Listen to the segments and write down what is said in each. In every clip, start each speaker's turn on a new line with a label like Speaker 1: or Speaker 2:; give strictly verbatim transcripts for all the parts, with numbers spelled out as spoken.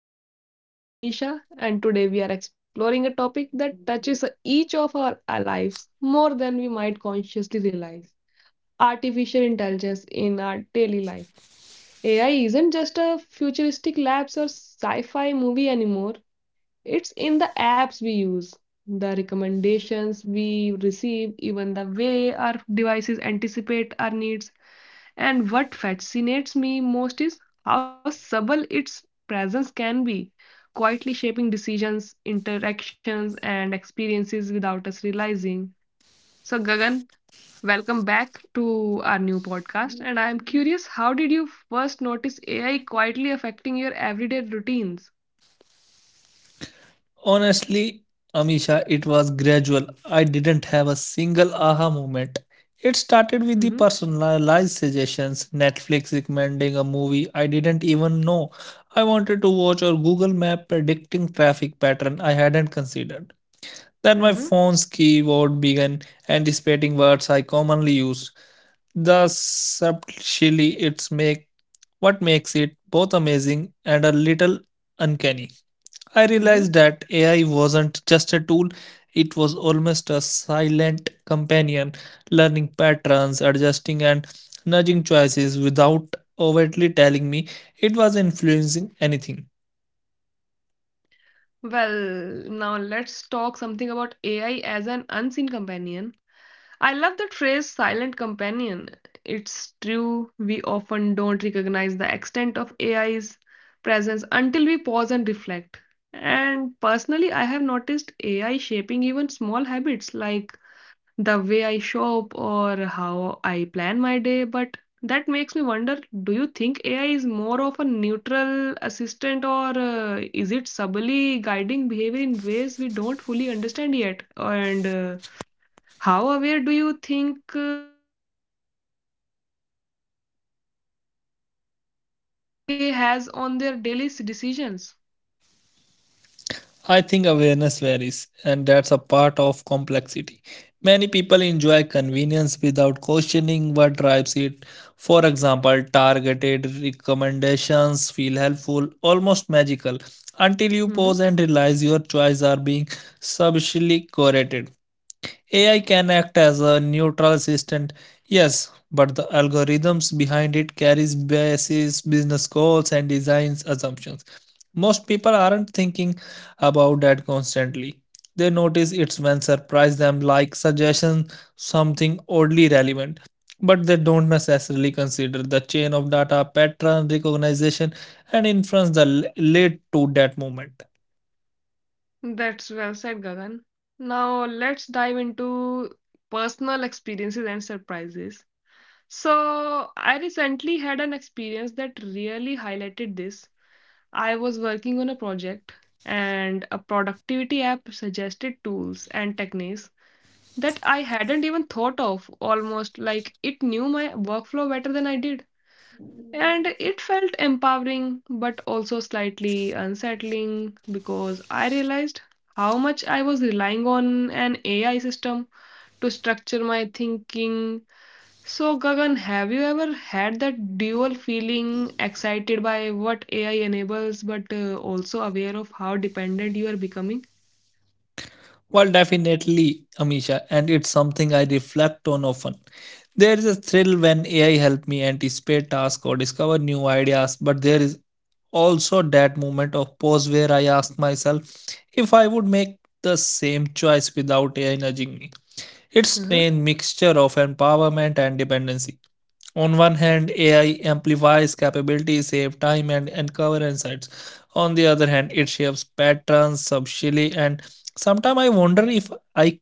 Speaker 1: Podcast. I am Amisha, and today we are exploring a topic that touches each of our lives more than we might consciously realize artificial intelligence in our daily life. A I isn't just a futuristic labs or sci fi movie anymore, it's in the apps we use, the recommendations we receive, even the way our devices anticipate our needs. And what fascinates me most is how subtle its presence can be, quietly shaping decisions, interactions, and experiences without us realizing. So, Gagan, welcome back to our new podcast. And I am curious, how did you first notice A I quietly affecting your everyday routines?
Speaker 2: Honestly, Amisha, it was gradual. I didn't have a single aha moment. It started with the
Speaker 1: Mm-hmm,
Speaker 2: personalized suggestions, Netflix recommending a movie I didn't even know I wanted to watch, or Google Map predicting traffic pattern I hadn't considered. Then my
Speaker 1: mm-hmm,
Speaker 2: phone's keyboard began anticipating words I commonly use. Thus, subtly, it's make what makes it both amazing and a little uncanny. I
Speaker 1: mm-hmm.
Speaker 2: realized that A I wasn't just a tool, it was almost a silent companion, learning patterns, adjusting, and nudging choices without overtly telling me it was influencing anything.
Speaker 1: Well, now let's talk something about A I as an unseen companion. I love the phrase silent companion. It's true, we often don't recognize the extent of AI's presence until we pause and reflect. And personally, I have noticed A I shaping even small habits like the way I shop or how I plan my day. But that makes me wonder, do you think A I is more of a neutral assistant or uh, is it subtly guiding behavior in ways we don't fully understand yet? And uh, how aware do you think uh, has on their daily s- decisions.
Speaker 2: I think awareness varies, and that's a part of complexity. Many people enjoy convenience without questioning what drives it. For example, targeted recommendations feel helpful, almost magical, until you pause
Speaker 1: Hmm.
Speaker 2: and realize your choices are being subtly curated. A I can act as a neutral assistant, yes, but the algorithms behind it carries biases, business goals, and design assumptions most people aren't thinking about that constantly. They notice it's when surprise them like suggestion something oddly relevant, but they don't necessarily consider the chain of data, pattern recognition, and inference that l- led to that moment.
Speaker 1: That's well said, Gagan. Now let's dive into personal experiences and surprises. So, I recently had an experience that really highlighted this. I was working on a project, and a productivity app suggested tools and techniques that I hadn't even thought of, almost like it knew my workflow better than I did. And it felt empowering, but also slightly unsettling because I realized how much I was relying on an A I system to structure my thinking. So, Gagan, have you ever had that dual feeling excited by what A I enables, but uh, also aware of how dependent you are becoming?
Speaker 2: Well, definitely, Amisha, and it's something I reflect on often. There is a thrill when A I help me anticipate tasks or discover new ideas, but there is also that moment of pause where I ask myself, if I would make the same choice without A I nudging me. It's
Speaker 1: Uh-huh.
Speaker 2: a mixture of empowerment and dependency. On one hand, A I amplifies capabilities, save time, and uncover insights. On the other hand, it shapes patterns subtly, and sometimes I wonder if I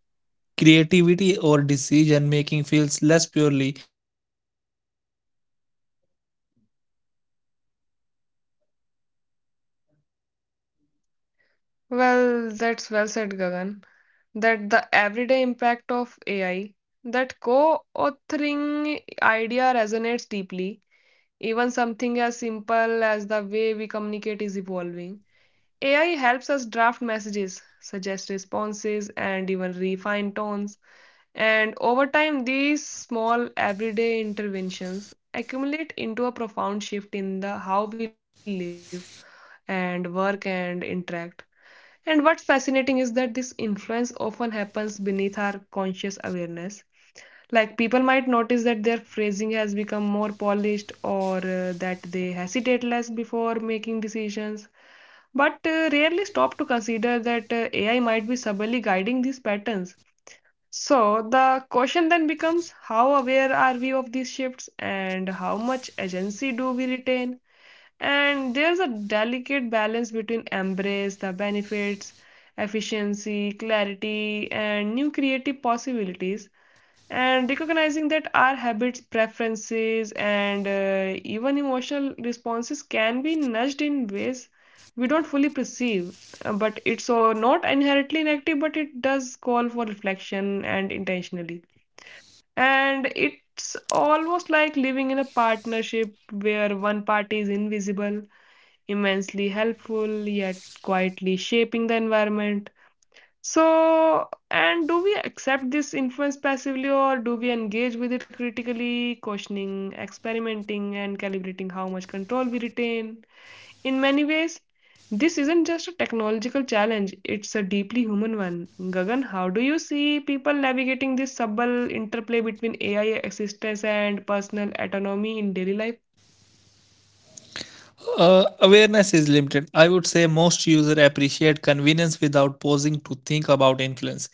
Speaker 2: creativity or decision making feels less purely my own because the
Speaker 1: Well, that's well said, Gagan. That the everyday impact of A I, that co-authoring idea resonates deeply. Even something as simple as the way we communicate is evolving. A I helps us draft messages, suggest responses, and even refine tones. And over time, these small everyday interventions accumulate into a profound shift in the how we live and work and interact. And what's fascinating is that this influence often happens beneath our conscious awareness. Like, people might notice that their phrasing has become more polished or uh, that they hesitate less before making decisions, but rarely stop to consider that uh, A I might be subtly guiding these patterns. So the question then becomes, how aware are we of these shifts and how much agency do we retain? And there's a delicate balance between embrace the benefits, efficiency, clarity, and new creative possibilities, and recognizing that our habits, preferences, and uh, even emotional responses can be nudged in ways we don't fully perceive. Uh, But it's uh, not inherently inactive, but it does call for reflection and intentionally. And it's almost like living in a partnership where one party is invisible, immensely helpful yet quietly shaping the environment. So, and do we accept this influence passively or do we engage with it critically, questioning, experimenting, and calibrating how much control we retain? In many ways, this isn't just a technological challenge, it's a deeply human one. Gagan, how do you see people navigating this subtle interplay between A I assistance and personal autonomy in daily life?
Speaker 2: Uh, awareness is limited. I would say most users appreciate convenience without pausing to think about influence.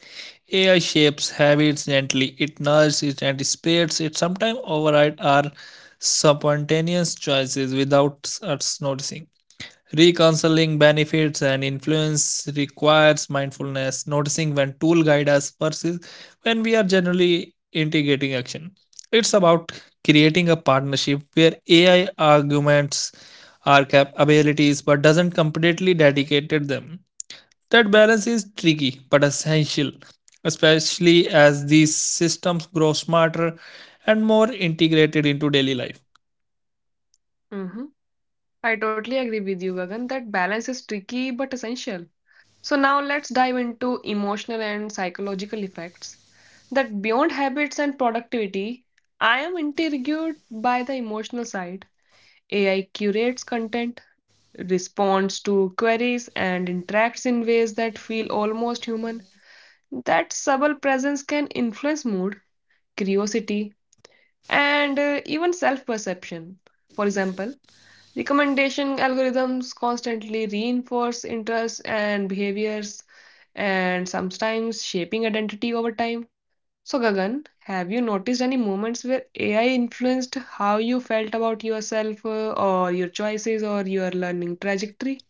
Speaker 2: A I shapes habits gently, it nudges it and spreads it, sometimes override our spontaneous choices without us noticing. Reconciling benefits and influence requires mindfulness, noticing when tool guide us versus when we are generally integrating action. It's about creating a partnership where A I arguments our capabilities, but doesn't completely dedicate them. That balance is tricky but essential, especially as these systems grow smarter and more integrated into daily life.
Speaker 1: Mhm. I totally agree with you, Gagan, that balance is tricky but essential. So now let's dive into emotional and psychological effects. That beyond habits and productivity, I am intrigued by the emotional side. A I curates content, responds to queries, and interacts in ways that feel almost human. That subtle presence can influence mood, curiosity, and uh, even self perception. For example, recommendation algorithms constantly reinforce interests and behaviors and sometimes shaping identity over time. So, Gagan, have you noticed any moments where A I influenced how you felt about yourself, uh, or your choices or your learning trajectory?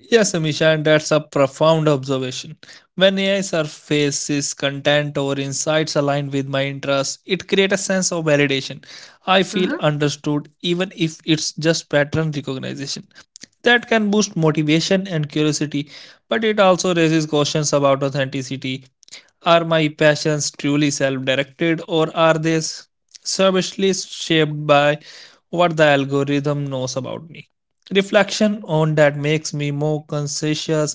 Speaker 2: Yes, Amisha, and that's a profound observation. When A I surfaces content or insights aligned with my interests, it creates a sense of validation. I feel
Speaker 1: Uh-huh.
Speaker 2: understood, even if it's just pattern recognition. That can boost motivation and curiosity, but it also raises questions about authenticity. Are my passions truly self directed, or are they s- savagely shaped by what the algorithm knows about me? Reflection on that makes me more conscious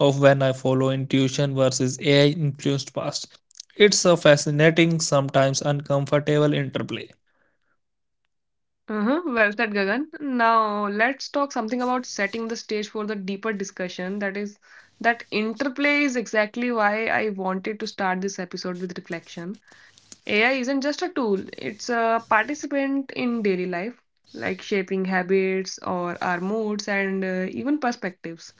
Speaker 2: of when I follow intuition versus A I influenced past. It's a fascinating, sometimes uncomfortable interplay.
Speaker 1: Uh-huh. Well said, Gagan. Now let's talk something about setting the stage for the deeper discussion. That is, that interplay is exactly why I wanted to start this episode with reflection. A I isn't just a tool, it's a participant in daily life, like shaping habits or our moods and uh, even perspectives.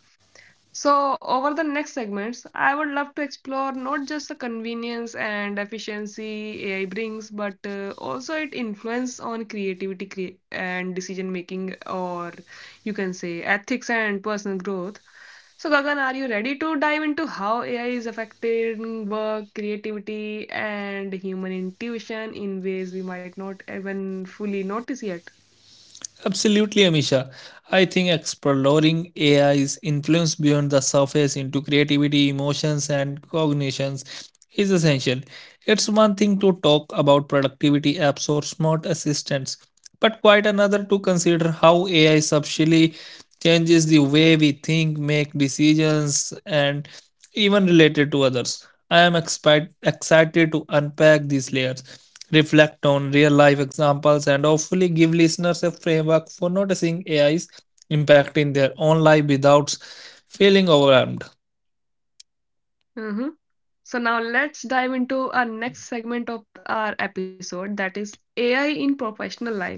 Speaker 1: So, over the next segments, I would love to explore not just the convenience and efficiency A I brings, but uh, also its influence on creativity crea- and decision making, or you can say ethics and personal growth. So, Gagan, are you ready to dive into how A I is affecting work, creativity, and human intuition in ways we might not even fully notice yet?
Speaker 2: Absolutely, Amisha. I think exploring A I is influenced beyond the surface into creativity, emotions, and cognitions is essential. It's one thing to talk about productivity apps or smart assistants, but quite another to consider how A I subtly changes the way we think, make decisions, and even related to others. I am expi- excited to unpack these layers, reflect on real life examples, and hopefully give listeners a framework for noticing A I's impacting their own life without feeling overwhelmed.
Speaker 1: So now let's dive into our next segment of our episode that is A I in professional life.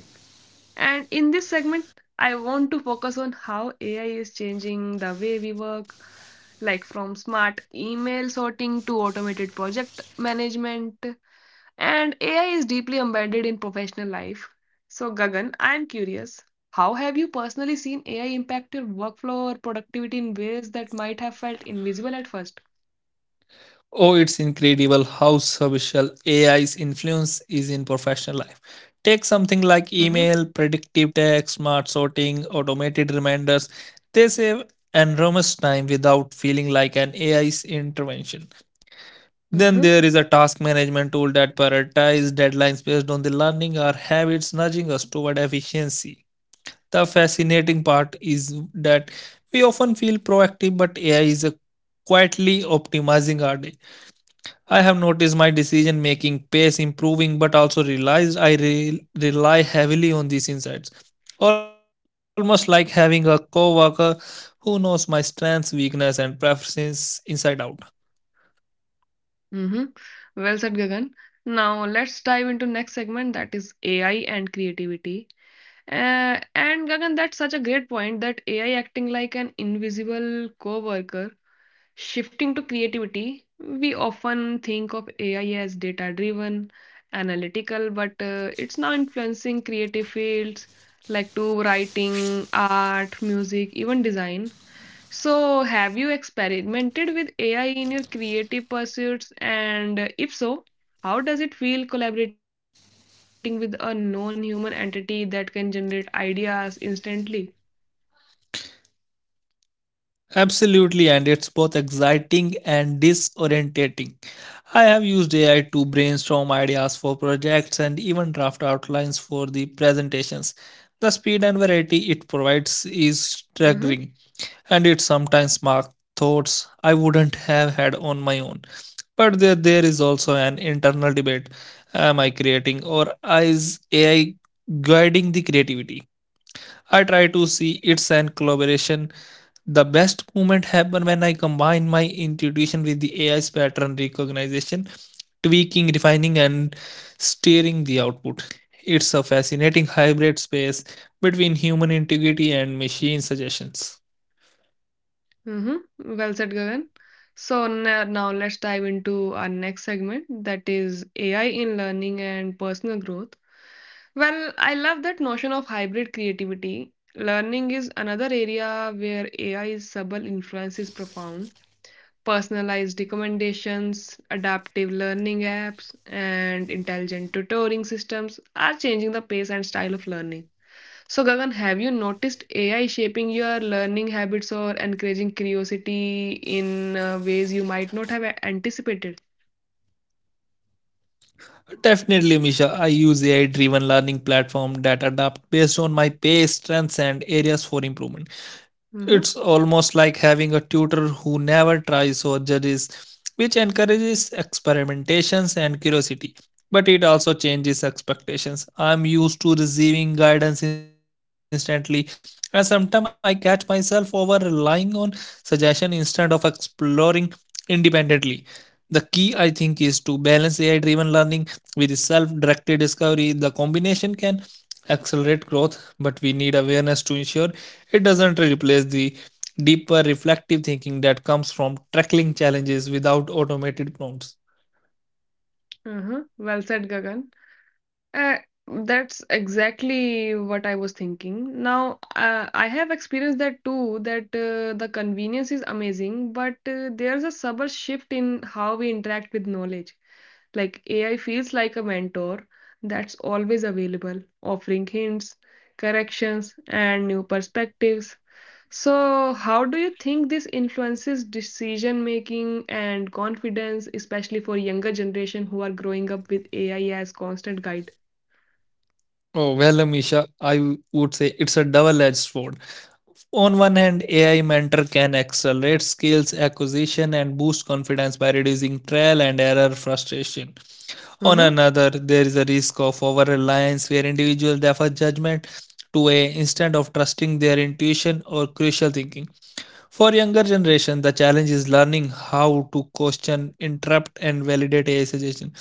Speaker 1: And in this segment, I want to focus on how A I is changing the way we work, like from smart email sorting to automated project management. And A I is deeply embedded in professional life. So, Gagan, I'm curious, how have you personally seen A I impact your workflow or productivity in ways that might have felt invisible at first?
Speaker 2: Oh, it's incredible how social A I's influence is in professional life. Take something like email, predictive text, smart sorting, automated reminders. They save enormous time without feeling like an A I's intervention. Then
Speaker 1: Mm-hmm.
Speaker 2: there is a task management tool that prioritizes deadlines based on the learning or habits, nudging us toward efficiency. The fascinating part is that we often feel proactive, but A I is uh, quietly optimizing our day. I have noticed my decision making pace improving, but also realized I re- rely heavily on these insights. Almost like having a coworker who knows my strengths, weakness, and preferences inside out.
Speaker 1: Mm-hmm. Well said, Gagan. Now let's dive into next segment that is A I and creativity. Uh, and Gagan, that's such a great point that A I acting like an invisible coworker. Shifting to creativity, we often think of A I as data-driven, analytical, but uh, it's now influencing creative fields like to writing, art, music, even design. So, have you experimented with A I in your creative pursuits? And if so, how does it feel collaborating with a non human entity that can generate ideas instantly?
Speaker 2: Absolutely, and it's both exciting and disorientating. I have used A I to brainstorm ideas for projects and even draft outlines for the presentations. The speed
Speaker 1: Mm-hmm,
Speaker 2: and variety it provides is staggering, and it sometimes sparks thoughts I wouldn't have had on my own. But there, there is also an internal debate: am I creating, or is A I guiding the creativity? I try to see it's an collaboration. The best movement happen when I combine my intuition with the A I's pattern recognition, tweaking, refining, and steering the output. It's a fascinating hybrid space between human integrity and machine suggestions.
Speaker 1: mm-hmm. Well said, Gagan. So, now, now let's dive into our next segment that is A I in learning and personal growth. Well, I love that notion of hybrid creativity. Learning is another area where AI's subtle influence is profound. Personalized recommendations, adaptive learning apps, and intelligent tutoring systems are changing the pace and style of learning. So, Gagan, have you noticed A I shaping your learning habits or encouraging curiosity in uh, ways you might not have anticipated?
Speaker 2: Definitely, Misha. I use A I driven learning platform that adapt based on my pace, strengths, and areas for improvement.
Speaker 1: Mm-hmm,
Speaker 2: It's almost like having a tutor who never tries or judges, which encourages experimentations and curiosity, but it also changes expectations. I'm used to receiving guidance instantly, and sometimes I catch myself over relying on suggestion instead of exploring independently. The key, I think, is to balance AI driven learning with self-directed discovery. The combination can accelerate growth, but we need awareness to ensure it doesn't replace the deeper reflective thinking that comes from tackling challenges without automated prompts.
Speaker 1: uh-huh. Well said, Gagan. Uh, that's exactly what I was thinking. Now, uh, I have experienced that too, that uh, the convenience is amazing, but uh, there's a subtle shift in how we interact with knowledge. Like, A I feels like a mentor that's always available, offering hints, corrections, and new perspectives. So, how do you think this influences decision making and confidence, especially for younger generation who are growing up with A I as constant guide?
Speaker 2: Oh, well, Amisha, I w- would say it's a double edged sword. On one hand, A I Mentor can accelerate skills acquisition and boost confidence by reducing trial and error frustration. On another, there is a risk of over reliance where individuals defer judgment to A I instead of trusting their intuition or crucial thinking. For younger generation, the challenge is learning how to question, interrupt, and validate A I suggestion.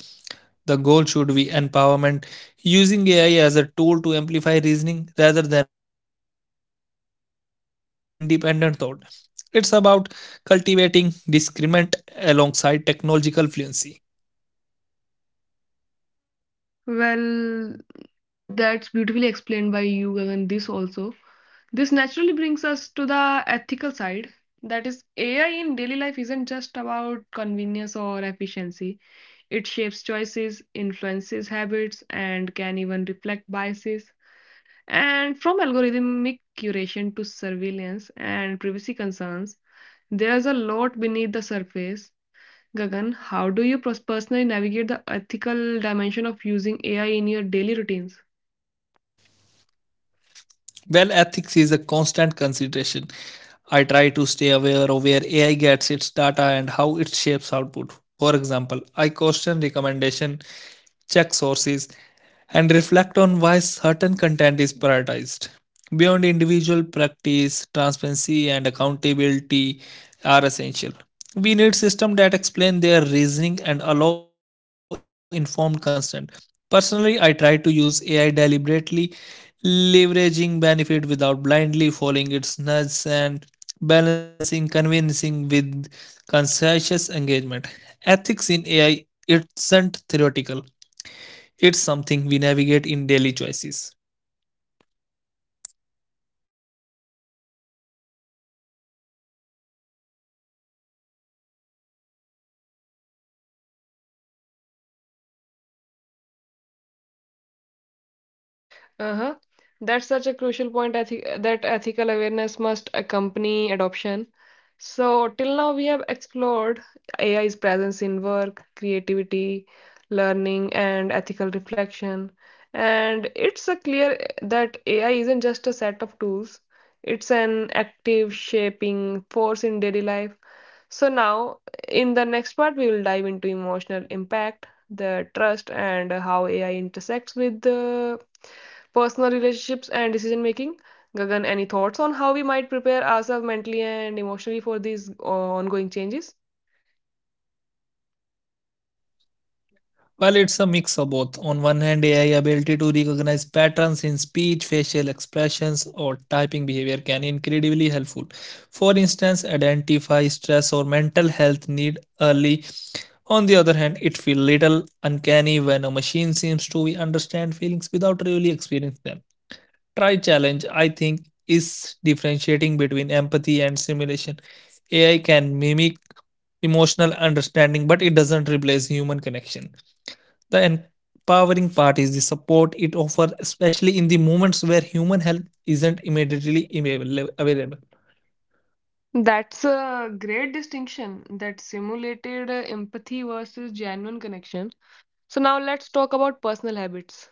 Speaker 2: The goal should be empowerment, using A I as a tool to amplify reasoning rather than a substitute for independent thought. It's about cultivating discernment alongside technological fluency.
Speaker 1: Well, that's beautifully explained by you, Gagan, this also. This naturally brings us to the ethical side. That is, A I in daily life isn't just about convenience or efficiency. It shapes choices, influences habits, and can even reflect biases. And from algorithmic curation to and privacy concerns, there's a lot beneath the surface. Gagan, how do you personally navigate the ethical dimension of using A I in your daily routines?
Speaker 2: Well, ethics is a constant consideration. I try to stay aware of where A I gets its data and how it shapes output. For example, I question recommendation, check sources, and reflect on why certain content is prioritized. Beyond individual practice, transparency and accountability are essential. We need systems that explain their reasoning and allow informed consent. Personally, I try to use A I deliberately, leveraging benefit without blindly following its nudges and balancing convincing with conscientious engagement. Ethics in A I isn't theoretical, it's something we navigate in daily choices.
Speaker 1: Uh-huh. That's such a crucial point, I think, that ethical awareness must accompany adoption. So, till now, we have explored AI's presence in work, creativity, learning, and ethical reflection. And it's a clear eh, that A I isn't just a set of tools, it's an active shaping force in daily life. So now in the next part we will dive into emotional impact, the trust and how A I intersects with the personal relationships and decision making. Gagan, any thoughts on how we might prepare ourselves mentally and emotionally for these uh, ongoing changes?
Speaker 2: While it's a mix of both, on one hand, A I ability to recognize patterns in speech, facial expressions, or typing behavior can be incredibly helpful. For instance, identify stress or mental health need early. On the other hand, it feels little uncanny when a machine seems to understand feelings without really experiencing them. Try challenge, I think, is differentiating between empathy and simulation. A I can mimic emotional understanding, but it doesn't replace human connection. The empowering part is the support it offers, especially in the moments where human help isn't immediately available.
Speaker 1: That's a great distinction that simulated uh, empathy versus genuine connection. So now let's talk about personal habits.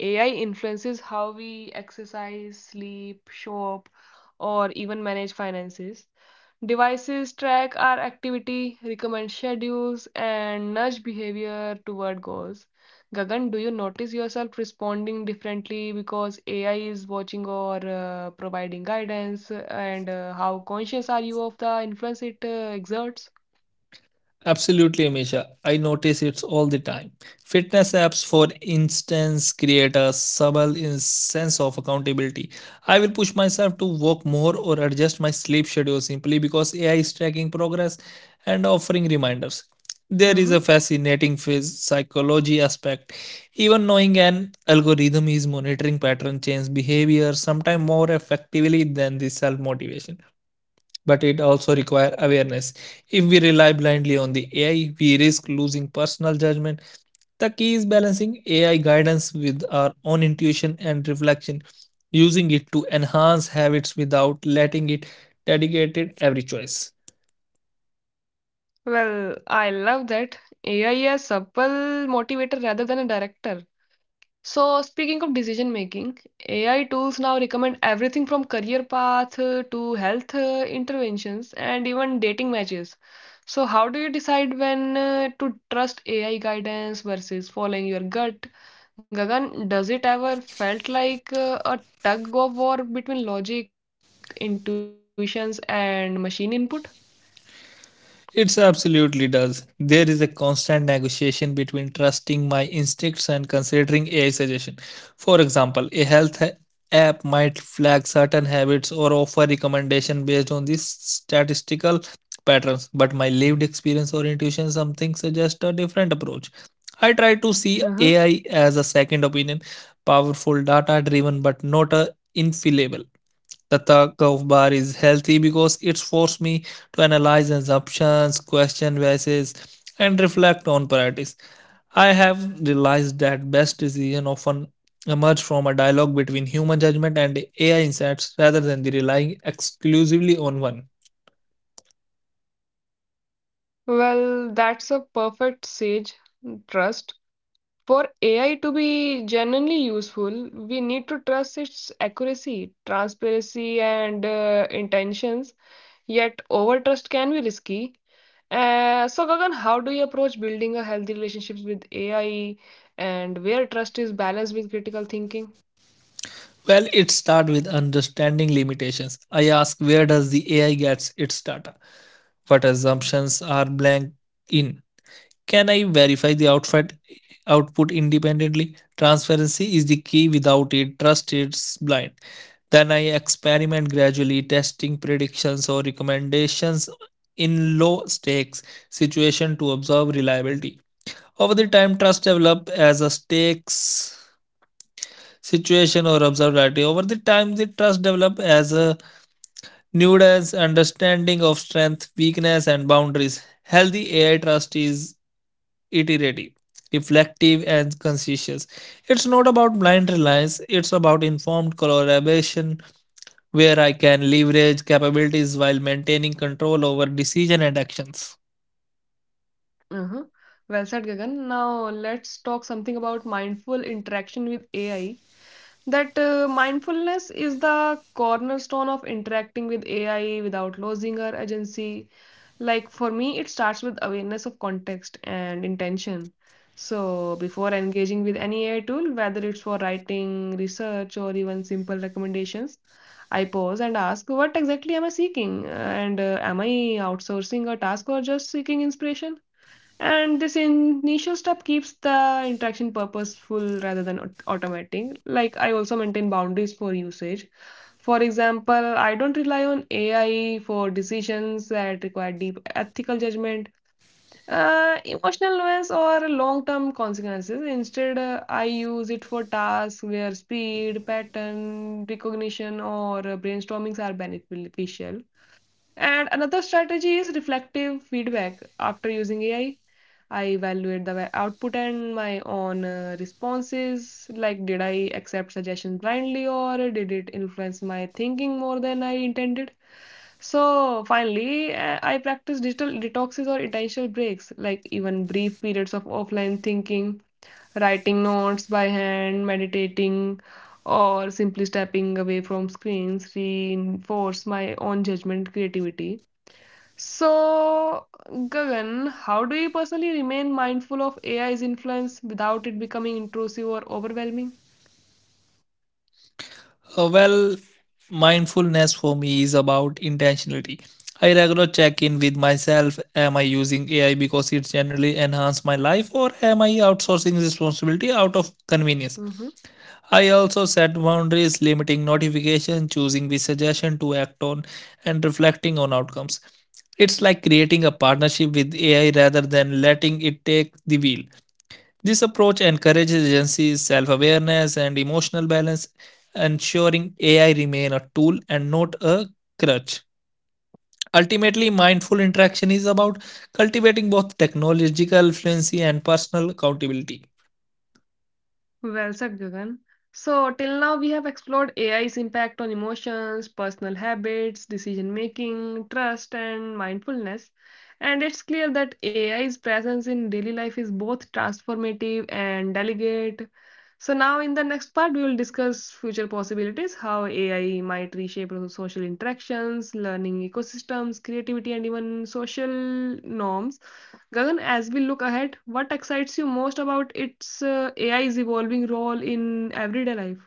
Speaker 1: A I influences how we exercise, sleep, show up, or even manage finances. Devices track our activity, recommend schedules, and nudge behavior toward goals. Gagan, do you notice yourself responding differently because A I is watching or uh, providing guidance? And uh, how conscious are you of the influence it uh, exerts?
Speaker 2: Absolutely, Amisha. I notice it all the time. Fitness apps, for instance, create a subtle in- sense of accountability. I will push myself to work more or adjust my sleep schedule simply because A I is tracking progress and offering reminders. There is
Speaker 1: Hmm.
Speaker 2: a fascinating phys- psychology aspect. Even knowing an algorithm is monitoring pattern change behavior, sometimes more effectively than the self motivation, but it also requires awareness. If we rely blindly on the A I, we risk losing personal judgment. The key is balancing A I guidance with our own intuition and reflection, using it to enhance habits without letting it dictate every choice.
Speaker 1: Well, I love that. A I is a subtle motivator rather than a director. So, speaking of decision making, A I tools now recommend everything from career path uh, to health uh, interventions and even dating matches. So, how do you decide when uh, to trust A I guidance versus following your gut? Gagan, does it ever felt like uh, a tug of war between logic, intuitions, and machine input?
Speaker 2: It absolutely does. There is a constant negotiation between trusting my instincts and considering A I suggestion. For example, a health ha- app might flag certain habits or offer recommendation based on these statistical patterns, but my lived experience or intuition something suggests a different approach. I try to
Speaker 1: Uh-huh.
Speaker 2: see A I as a second opinion, powerful data driven but not a infallible. The talk of bar is healthy because it forced me to analyze assumptions, question biases, and reflect on priorities. I have realized that best decision often emerge from a dialogue between human judgment and A I insights rather than the relying exclusively on one.
Speaker 1: Well, that's a perfect sage trust. For A I to be genuinely useful, we need to trust its accuracy, transparency, and uh, intentions. Yet, overtrust can be risky. Uh, so, Gagan, how do you approach building a healthy relationships with A I and where trust is balanced with critical thinking?
Speaker 2: Well, it starts with understanding limitations. I ask, where does the A I gets its data? What assumptions are blank in? Can I verify the outfit output independently? Transparency is the key. Without it, trust is blind. Then I experiment gradually, testing predictions or recommendations in low stakes situation to observe reliability. Over the time, trust develop as a stakes situation or observability. Over the time, the trust develop as a nuanced understanding of strength, weakness, and boundaries. Healthy A I trust is iterative, reflective, and conscientious. It's not about blind reliance, it's about informed collaboration where I can leverage capabilities while maintaining control over decision and actions.
Speaker 1: Uh-huh. Well said, Gagan. Now, let's talk something about mindful interaction with A I. That uh, mindfulness is the cornerstone of interacting with A I without losing our agency. Like, for me, it starts with awareness of context and intention. So before engaging with any A I tool, whether it's for writing, research, or even simple recommendations, I pause and ask, what exactly am I seeking? And uh, am I outsourcing a task or just seeking inspiration? And this initial step keeps the interaction purposeful rather than aut- automating. Like, I also maintain boundaries for usage. For example, I don't rely on A I for decisions that require deep ethical judgment, uh, emotional nuance, or long-term consequences. Instead, uh, I use it for tasks where speed, pattern recognition, or uh, brainstormings are beneficial. And another strategy is reflective feedback after using A I. I evaluate the wa- output and my own uh, responses. Like, did I accept suggestions blindly or did it influence my thinking more than I intended? So, finally, uh, I practice digital detoxes or intentional breaks, like even brief periods of offline thinking, writing notes by hand, meditating, or simply stepping away from screens reinforce my own judgment creativity. So, Gagan, how do you personally remain mindful of A I's influence without it becoming intrusive or overwhelming?
Speaker 2: Uh, well, mindfulness for me is about intentionality. I regularly check in with myself. Am I using A I because it generally enhances my life, or am I outsourcing responsibility out of convenience?
Speaker 1: Mhm.
Speaker 2: I also set boundaries, limiting notification, choosing the suggestion to act on, and reflecting on outcomes. It's like creating a partnership with A I rather than letting it take the wheel. This approach encourages agencies' self awareness and emotional balance, ensuring A I remain a tool and not a crutch. Ultimately, mindful interaction is about cultivating both technological fluency and personal accountability.
Speaker 1: Well said, Gagan. So, till now we have explored A I's impact on emotions, personal habits, decision making, trust, and mindfulness. And it's clear that A I's presence in daily life is both transformative and delicate. So, now in the next part, we will discuss future possibilities how A I might reshape social interactions, learning ecosystems, creativity, and even social norms. Gagan, as we look ahead, what excites you most about its uh, A I's evolving role in everyday life?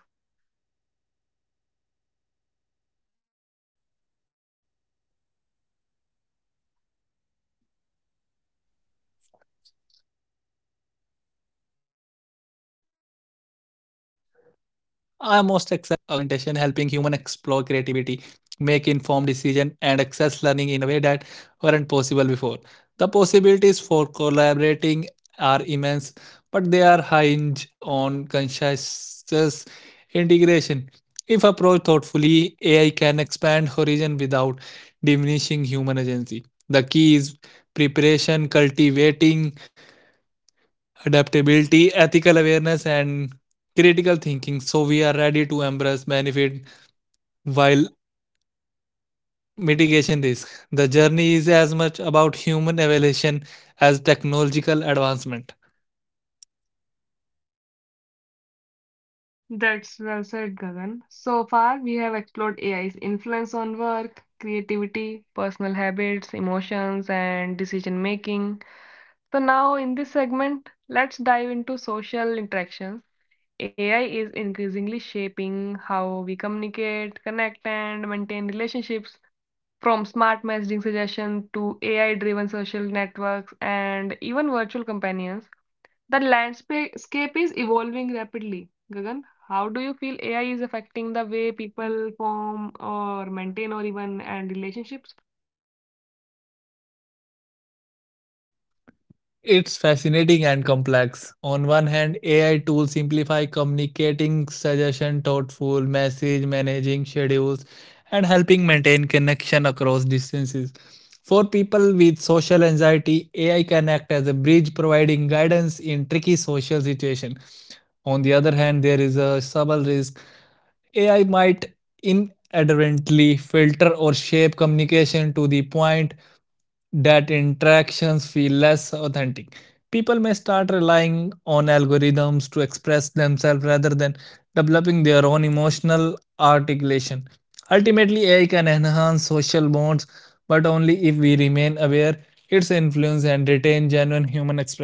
Speaker 2: I am most excited by potential for augmentation helping human explore creativity, make informed decision and access learning in a way that weren't possible before. The possibilities for collaborating are immense, but they are hinged on conscious integration. If approached thoughtfully, A I can expand horizon without diminishing human agency. The key is preparation, cultivating adaptability, ethical awareness, and critical thinking so we are ready to embrace benefit while mitigation risk. The journey is as much about human evolution as technological advancement.
Speaker 1: That's well said, Gagan. So far, we have explored A I's influence on work, creativity, personal habits, emotions, and decision making. So, now in this segment, let's dive into social interactions. A I is increasingly shaping how we communicate, connect, and maintain relationships. From smart messaging suggestion to A I-driven social networks and even virtual companions, the landscape is evolving rapidly. Gagan, how do you feel A I is affecting the way people form or maintain or even and relationships?
Speaker 2: It's fascinating and complex. On one hand, A I tools simplify communicating suggestion, thoughtful message, managing schedules, and helping maintain connection across distances. For people with social anxiety, A I can act as a bridge providing guidance in tricky social situations. On the other hand, there is a subtle risk. A I might inadvertently filter or shape communication to the point that interactions feel less authentic. People may start relying on algorithms to express themselves rather than developing their own emotional articulation. Ultimately, A I can enhance social bonds, but only if we remain aware its influence and retain genuine human expression.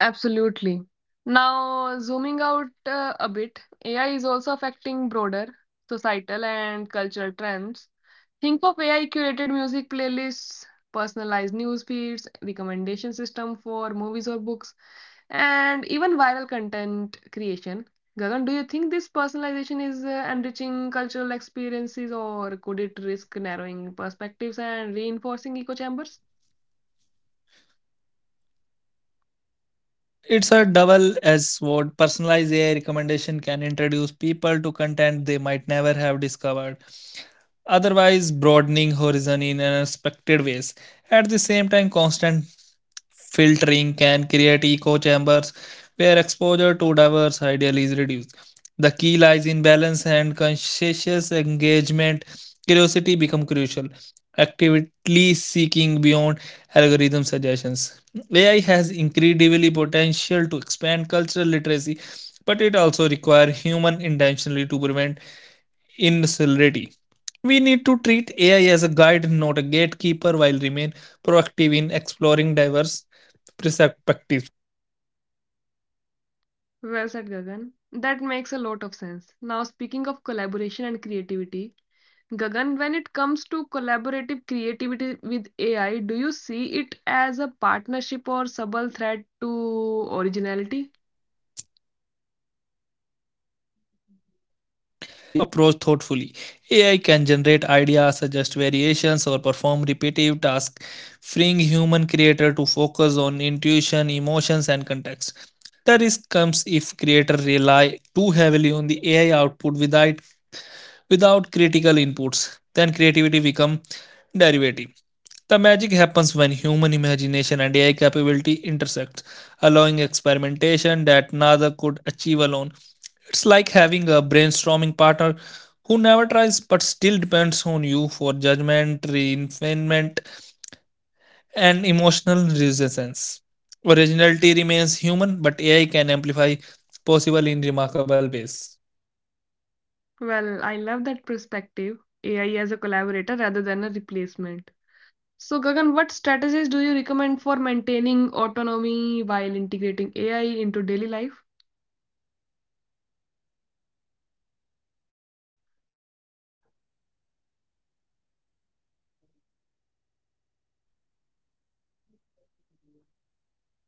Speaker 1: Absolutely. Now, zooming out uh, a bit, A I is also affecting broader societal and cultural trends. Think of A I curated music playlists, personalized news feeds, recommendation system for movies or books, and even viral content creation. Gagan, do you think this personalization is uh, enriching cultural experiences or could it risk narrowing perspectives and reinforcing echo chambers?
Speaker 2: It's a double edged sword. Personalized A I recommendation can introduce people to content they might never have discovered, otherwise broadening horizon in unexpected ways. At the same time, constant filtering can create echo chambers where exposure to diverse ideas is reduced. The key lies in balance and conscientious engagement. Curiosity become crucial. Actively seeking beyond algorithm suggestions. A I has incredibly potential to expand cultural literacy, but it also requires human intentionally to prevent incivility. We need to treat A I as a guide, not a gatekeeper, while remain proactive in exploring diverse perspectives.
Speaker 1: Well said, Gagan. That makes a lot of sense. Now, speaking of collaboration and creativity, Gagan, when it comes to collaborative creativity with A I, do you see it as a partnership or subtle threat to originality?
Speaker 2: But definitely a partnership if approached thoughtfully. A I can generate ideas, suggest variations, or perform repetitive tasks, freeing human creator to focus on intuition, emotions, and context. The risk comes if creator rely too heavily on the A I output without without critical inputs, then creativity becomes derivative. The magic happens when human imagination and AI capability intersect, allowing experimentation that neither could achieve alone. It's like having a brainstorming partner who never tries but still depends on you for judgment, refinement, and emotional resonance. Originality remains human, but AI can amplify possible in remarkable ways.
Speaker 1: Well, I love that perspective. A I as a collaborator rather than a replacement. So, Gagan, what strategies do you recommend for maintaining autonomy while integrating A I into daily life?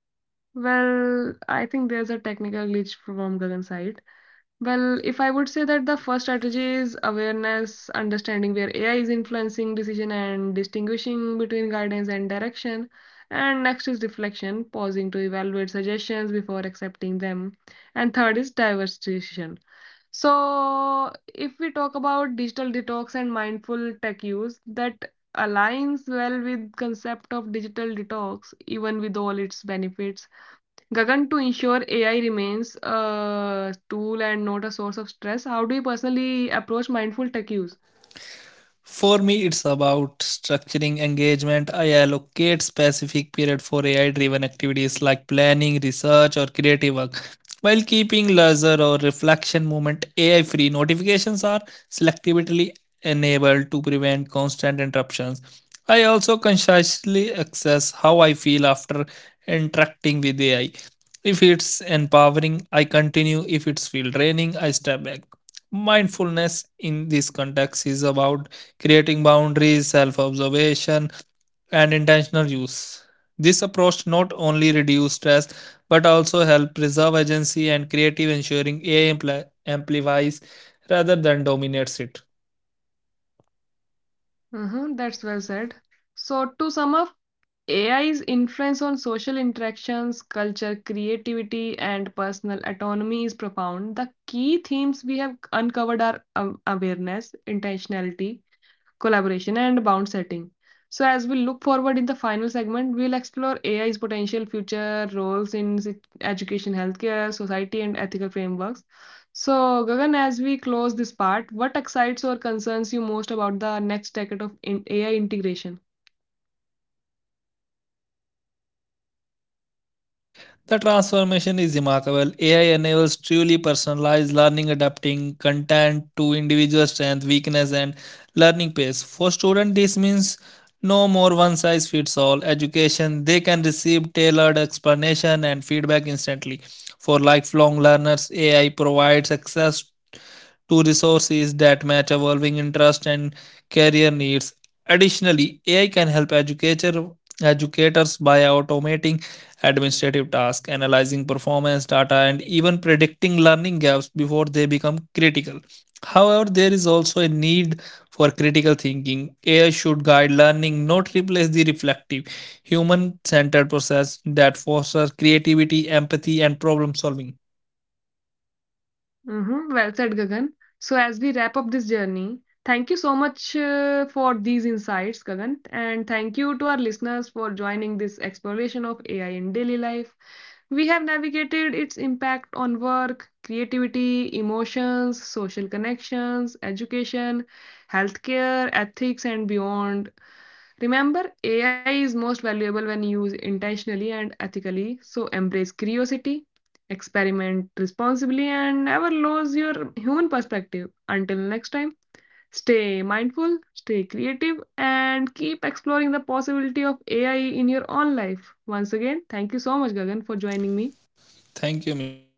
Speaker 1: Well, I think there's a technical glitch from Gagan's side. Well, if I would say that the first strategy is awareness, understanding where A I is influencing decision and distinguishing between guidance and direction. And next is reflection, pausing to evaluate suggestions before accepting them. And third is diversification. So, if we talk about digital detox and mindful tech use, that aligns well with concept of digital detox, even with all its benefits. Gagan, to ensure A I remains a tool and not a source of stress, how do you personally approach mindful tech use?
Speaker 2: For me, it's about structuring engagement. I allocate specific period for A I driven activities like planning, research, or creative work. While keeping leisure or reflection moment A I free, notifications are selectively enabled to prevent constant interruptions. I also consciously access how I feel after interacting with A I. If it's empowering, I continue. If it's feel draining, I step back. Mindfulness in this context is about creating boundaries, self observation, and intentional use. This approach not only reduces stress but also helps preserve agency and creative ensuring A I ampli- amplifies rather than dominates it.
Speaker 1: Uh-huh, that's well said. So, to sum up, A I's influence on social interactions, culture, creativity, and personal autonomy is profound. The key themes we have uncovered are um, awareness, intentionality, collaboration, and bound setting. So, as we look forward in the final segment, we'll explore A I's potential future roles in education, healthcare, society, and ethical frameworks. So, Gagan, as we close this part, what excites or concerns you most about the next decade of A I integration?
Speaker 2: The transformation is remarkable. A I enables truly personalized learning, adapting content to individual strength, weakness, and learning pace. For students, this means no more one size fits all education. They can receive tailored explanation and feedback instantly. For lifelong learners, A I provides access to resources that match evolving interests and career needs. Additionally, A I can help educator, educators by automating administrative tasks, analyzing performance data, and even predicting learning gaps before they become critical. However, there is also a need for critical thinking. A I should guide learning, not replace the reflective, human centered process that fosters creativity, empathy, and problem solving.
Speaker 1: Mm-hmm. Well said, Gagan. So, as we wrap up this journey, thank you so much uh, for these insights, Gagan. And thank you to our listeners for joining this exploration of A I in daily life. We have navigated its impact on work, creativity, emotions, social connections, education, healthcare, ethics, and beyond. Remember, A I is most valuable when used intentionally and ethically. So, embrace curiosity, experiment responsibly, and never lose your human perspective. Until next time, stay mindful, stay creative, and keep exploring the possibility of A I in your own life. Once again, thank you so much, Gagan, for joining me.
Speaker 2: Thank you, Misha.